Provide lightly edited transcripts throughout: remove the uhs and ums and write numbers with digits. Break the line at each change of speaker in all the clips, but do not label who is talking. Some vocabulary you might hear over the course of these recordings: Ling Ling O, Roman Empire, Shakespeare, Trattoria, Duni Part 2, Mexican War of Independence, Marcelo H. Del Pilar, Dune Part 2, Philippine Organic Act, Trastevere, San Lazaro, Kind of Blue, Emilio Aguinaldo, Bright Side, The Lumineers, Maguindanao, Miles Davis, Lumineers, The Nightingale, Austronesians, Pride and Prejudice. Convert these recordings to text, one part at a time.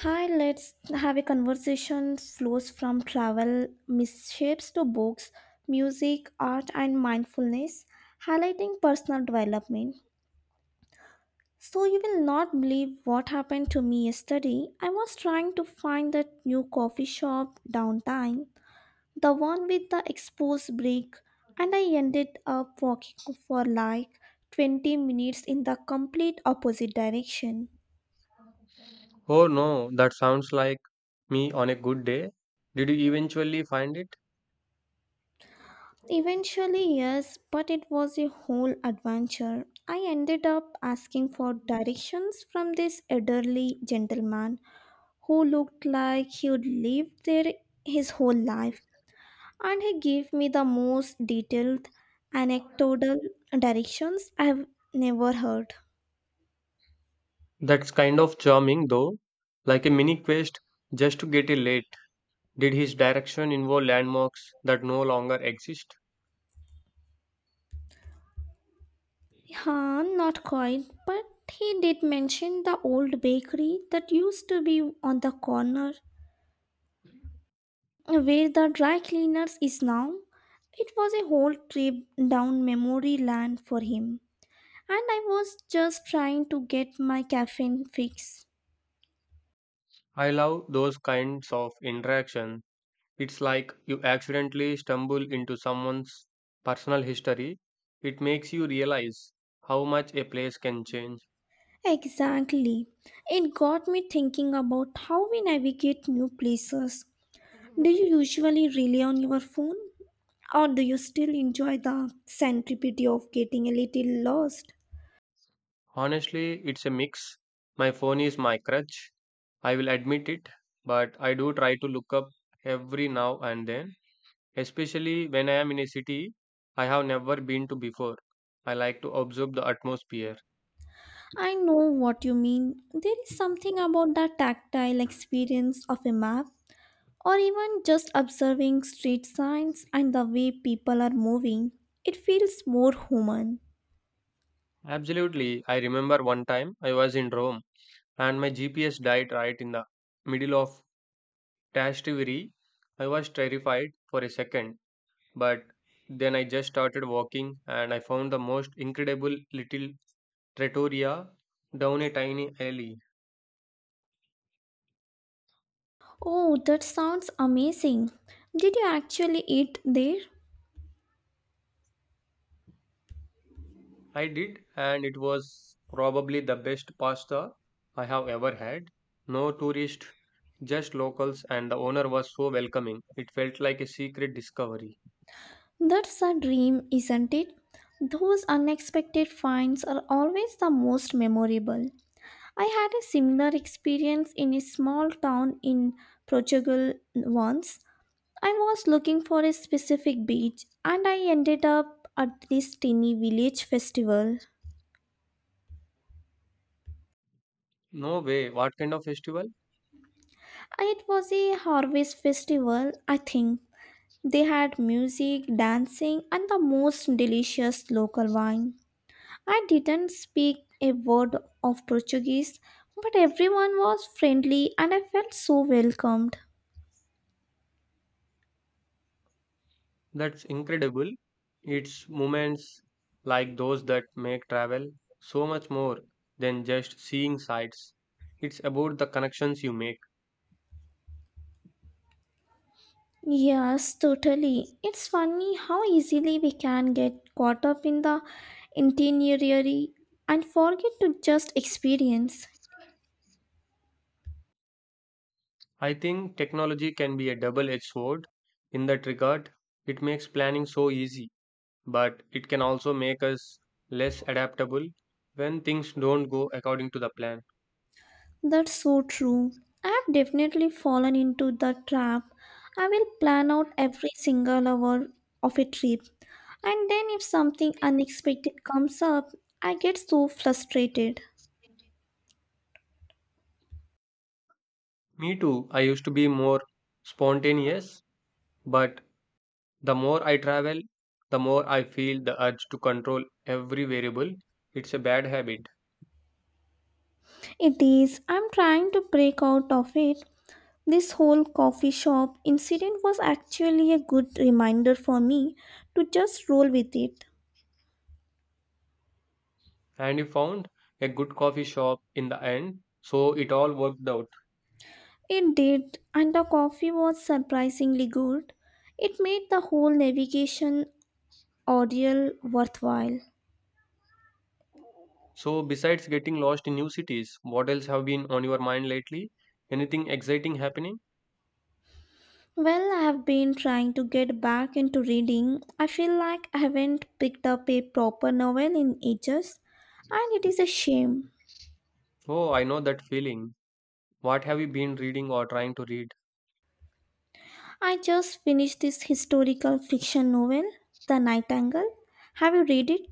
Hi, let's have a conversation flows from travel misshapes to books, music, art, and mindfulness, highlighting personal development. So, you will not believe what happened to me yesterday. I was trying to find that new coffee shop downtown, the one with the exposed brick, and I ended up walking for like 20 minutes in the complete opposite direction.
Oh no, that sounds like me on a good day. Did you eventually find it?
Eventually, yes, but it was a whole adventure. I ended up asking for directions from this elderly gentleman who looked like he'd lived there his whole life, and he gave me the most detailed anecdotal directions I've never heard.
That's kind of charming though, like a mini quest just to get a late. Did his direction involve landmarks that no longer exist?
Huh, not quite, but he did mention the old bakery that used to be on the corner where the dry cleaners is now. It was a whole trip down memory lane for him. And I was just trying to get my caffeine fix.
I love those kinds of interaction. It's like you accidentally stumble into someone's personal history. It makes you realize how much a place can change.
Exactly. It got me thinking about how we navigate new places. Do you usually rely on your phone? Or do you still enjoy the centripede of getting a little lost?
Honestly, it's a mix. My phone is my crutch. I will admit it, but I do try to look up every now and then, especially when I am in a city I have never been to before. I like to observe the atmosphere.
I know what you mean. There is something about the tactile experience of a map or even just observing street signs and the way people are moving, it feels more human.
Absolutely, I remember one time I was in Rome and my GPS died right in the middle of Trastevere. I was terrified for a second, but then I just started walking and I found the most incredible little Trattoria down a tiny alley.
Oh, that sounds amazing. Did you actually eat there?
I did, and it was probably the best pasta I have ever had. No tourists, just locals, and the owner was so welcoming. It felt like a secret discovery.
That's a dream, isn't it? Those unexpected finds are always the most memorable. I had a similar experience in a small town in Portugal once. I was looking for a specific beach and I ended up at this tiny village festival.
No way, what kind of festival?
It was a harvest festival, I think. They had music, dancing, and the most delicious local wine. I didn't speak a word of Portuguese, but everyone was friendly and I felt so welcomed.
That's incredible. It's moments like those that make travel so much more than just seeing sights. It's about the connections you make.
Yes, totally. It's funny how easily we can get caught up in the itinerary and forget to just experience.
I think technology can be a double edged sword in that regard. It makes planning so easy, but it can also make us less adaptable when things don't go according to the plan.
That's so true. I've definitely fallen into the trap. I will plan out every single hour of a trip, and then if something unexpected comes up, I get so frustrated.
Me too, I used to be more spontaneous, but the more I travel, the more I feel the urge to control every variable. It's a bad habit.
It is, I'm trying to break out of it. This whole coffee shop incident was actually a good reminder for me to just roll with it.
And you found a good coffee shop in the end, so it all worked out.
It did, and the coffee was surprisingly good. It made the whole navigation audible worthwhile?
So, besides getting lost in new cities, what else have been on your mind lately? Anything exciting happening?
Well, I have been trying to get back into reading. I feel like I haven't picked up a proper novel in ages, and it is a shame.
Oh, I know that feeling. What have you been reading or trying to read?
I just finished this historical fiction novel, The Nightingale. Have you read it?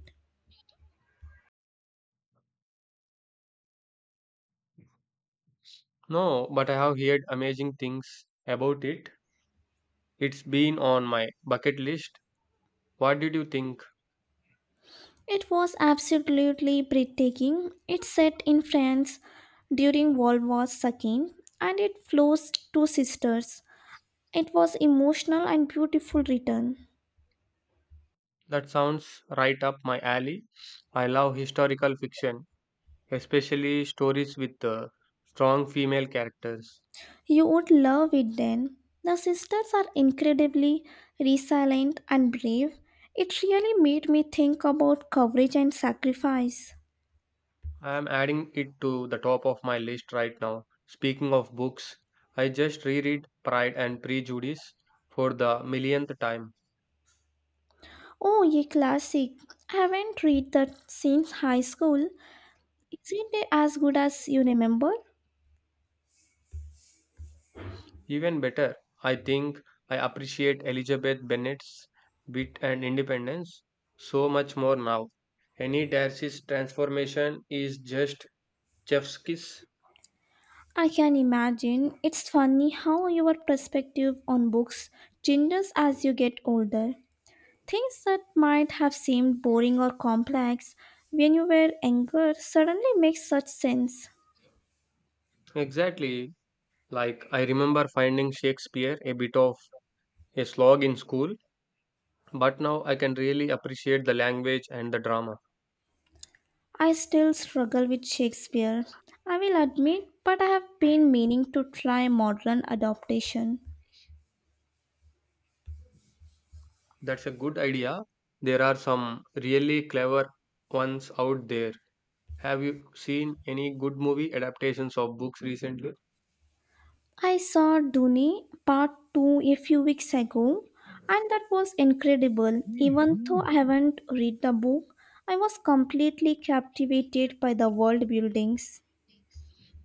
No, but I have heard amazing things about it. It's been on my bucket list. What did you think?
It was absolutely breathtaking. It's set in France during World War II and it follows two sisters. It was emotional and beautiful written.
That sounds right up my alley. I love historical fiction, especially stories with strong female characters.
You would love it then. The sisters are incredibly resilient and brave. It really made me think about courage and sacrifice.
I am adding it to the top of my list right now. Speaking of books, I just reread Pride and Prejudice for the millionth time.
Oh, a classic. I haven't read that since high school. Isn't it as good as you remember?
Even better, I think I appreciate Elizabeth Bennet's wit and independence so much more now. Any Darcy's transformation is just chef's kiss.
I can imagine. It's funny how your perspective on books changes as you get older. Things that might have seemed boring or complex when you were younger suddenly make such sense.
Exactly. Like I remember finding Shakespeare a bit of a slog in school, but now I can really appreciate the language and the drama.
I still struggle with Shakespeare, I will admit, but I have been meaning to try modern adaptation.
That's a good idea. There are some really clever ones out there. Have you seen any good movie adaptations of books recently?
I saw Duni Part 2 a few weeks ago, and that was incredible. Even though I haven't read the book, I was completely captivated by the world buildings.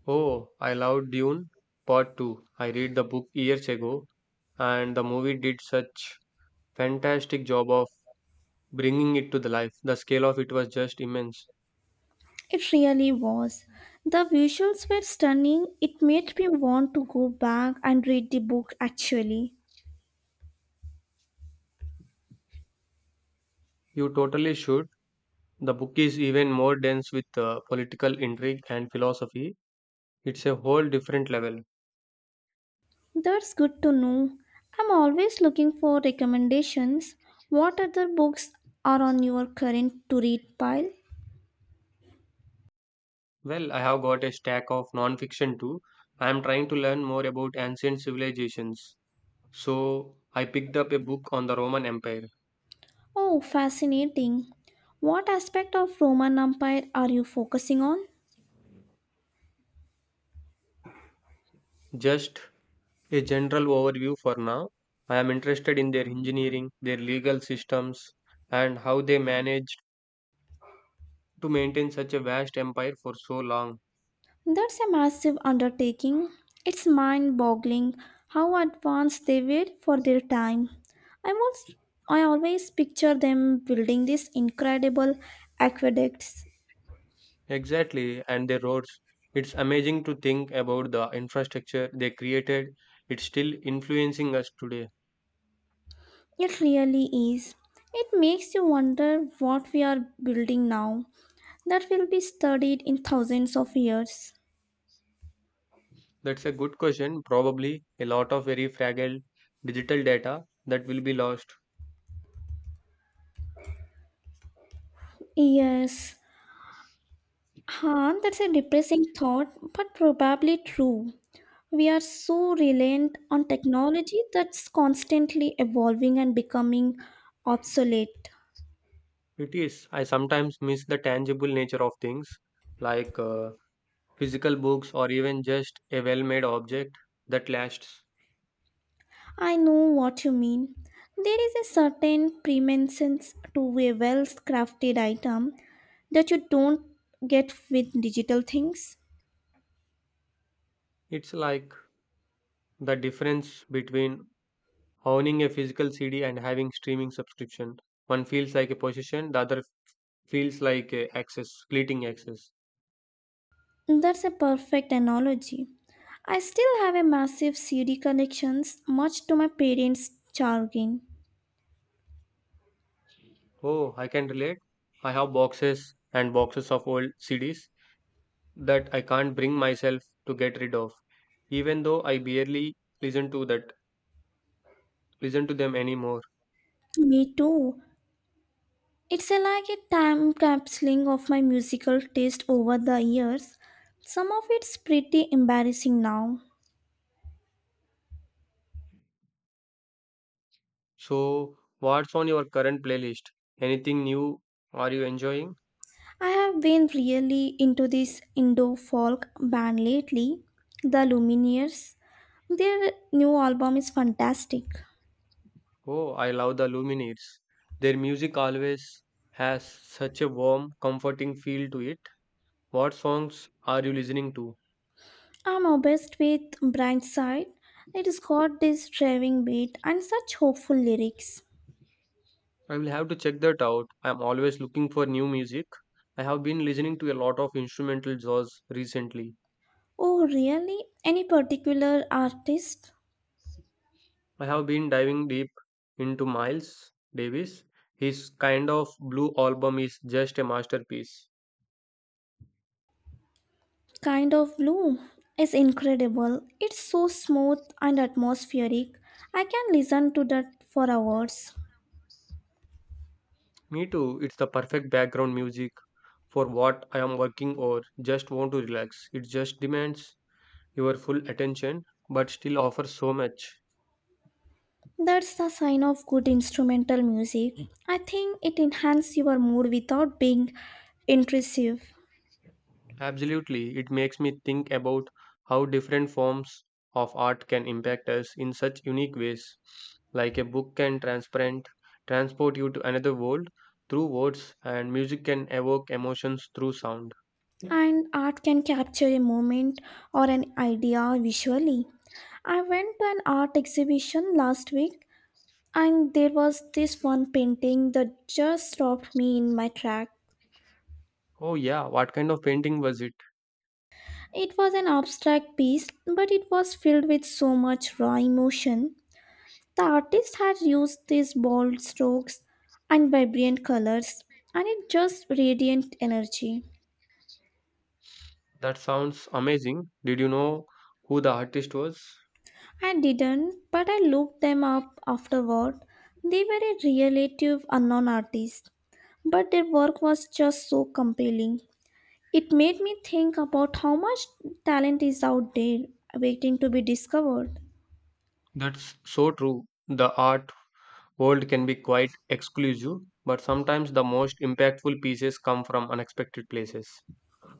Oh, I love Dune Part 2. I read the book years ago, and the movie did such fantastic job of bringing it to the life. The scale of it was just immense.
It really was. The visuals were stunning. It made me want to go back and read the book actually.
You totally should. The book is even more dense with political intrigue and philosophy. It's a whole different level.
That's good to know. I'm always looking for recommendations. What other books are on your current to read pile?
Well, I have got a stack of non-fiction too. I am trying to learn more about ancient civilizations. So I picked up a book on the Roman Empire.
Oh, fascinating. What aspect of Roman Empire are you focusing on?
Just a general overview for now. I am interested in their engineering, their legal systems, and how they managed to maintain such a vast empire for so long.
That's a massive undertaking. It's mind boggling how advanced they were for their time. I was I always picture them building these incredible aqueducts.
Exactly, and their roads. It's amazing to think about the infrastructure they created. It's still influencing us today.
It really is. It makes you wonder what we are building now that will be studied in thousands of years.
That's a good question. Probably a lot of very fragile digital data that will be lost.
Yes, Han, that's a depressing thought, but probably true. We are so reliant on technology that's constantly evolving and becoming obsolete.
It is. I sometimes miss the tangible nature of things like physical books or even just a well made object that lasts.
I know what you mean. There is a certain preeminence to a well crafted item that you don't get with digital things.
It's like the difference between owning a physical CD and having streaming subscription. One feels like a possession, the other feels like a access, fleeting access.
That's a perfect analogy. I still have a massive CD collections, much to my parents' chagrin.
Oh, I can relate. I have boxes and boxes of old CDs that I can't bring myself to get rid of, even though I barely listen to that listen to them anymore.
Me too. It's a like a time capsuling of my musical taste over the years. Some of it's pretty embarrassing now.
So, what's on your current playlist? Anything new are you enjoying?
I have been really into this Indo folk band lately, the Lumineers. Their new album is fantastic.
Oh, I love the Lumineers. Their music always has such a warm, comforting feel to it. What songs are you listening to?
I'm obsessed with Bright Side. It's got this driving beat and such hopeful lyrics.
I will have to check that out. I'm always looking for new music. I have been listening to a lot of instrumental jazz recently.
Oh, really? Any particular artist?
I have been diving deep into Miles Davis. His kind of blue album is just a masterpiece.
Kind of Blue is incredible. It's so smooth and atmospheric. I can listen to that for hours.
Me too, it's the perfect background music for what I am working or just want to relax. It just demands your full attention but still offers so much.
That's the sign of good instrumental music. I think it enhances your mood without being intrusive.
Absolutely, it makes me think about how different forms of art can impact us in such unique ways. Like a book can transparent transport you to another world through words, and music can evoke emotions through sound.
And art can capture a moment or an idea visually. I went to an art exhibition last week and there was this one painting that just stopped me in my track.
Oh yeah, what kind of painting was it?
It was an abstract piece, but it was filled with so much raw emotion. The artist had used these bold strokes and vibrant colors, and it just radiant energy.
That sounds amazing. Did you know who the artist was?
I didn't, but I looked them up afterward. They were a relative unknown artist, but their work was just so compelling. It made me think about how much talent is out there waiting to be discovered.
That's so true. The art world can be quite exclusive, but sometimes the most impactful pieces come from unexpected places.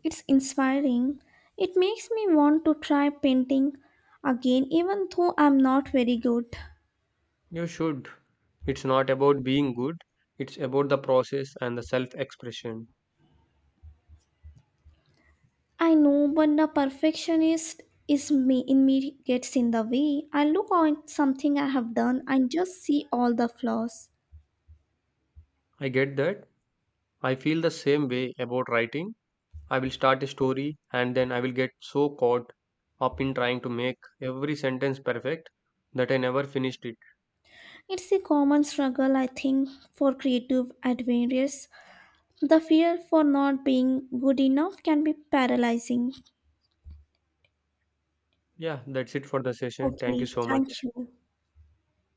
It's inspiring. It makes me want to try painting again, even though I'm not very good.
You should. It's not about being good, it's about the process and the self expression.
I know, but the perfectionist is me in me gets in the way. I look at something I have done and just see all the flaws.
I get that. I feel the same way about writing. I will start a story and then I will get so caught up in trying to make every sentence perfect that I never finished it.
It's a common struggle, I think, for creative adventurers. The fear for not being good enough can be paralyzing.
Yeah, that's it for the session. Thank
Okay,
you so
thank
much.
you.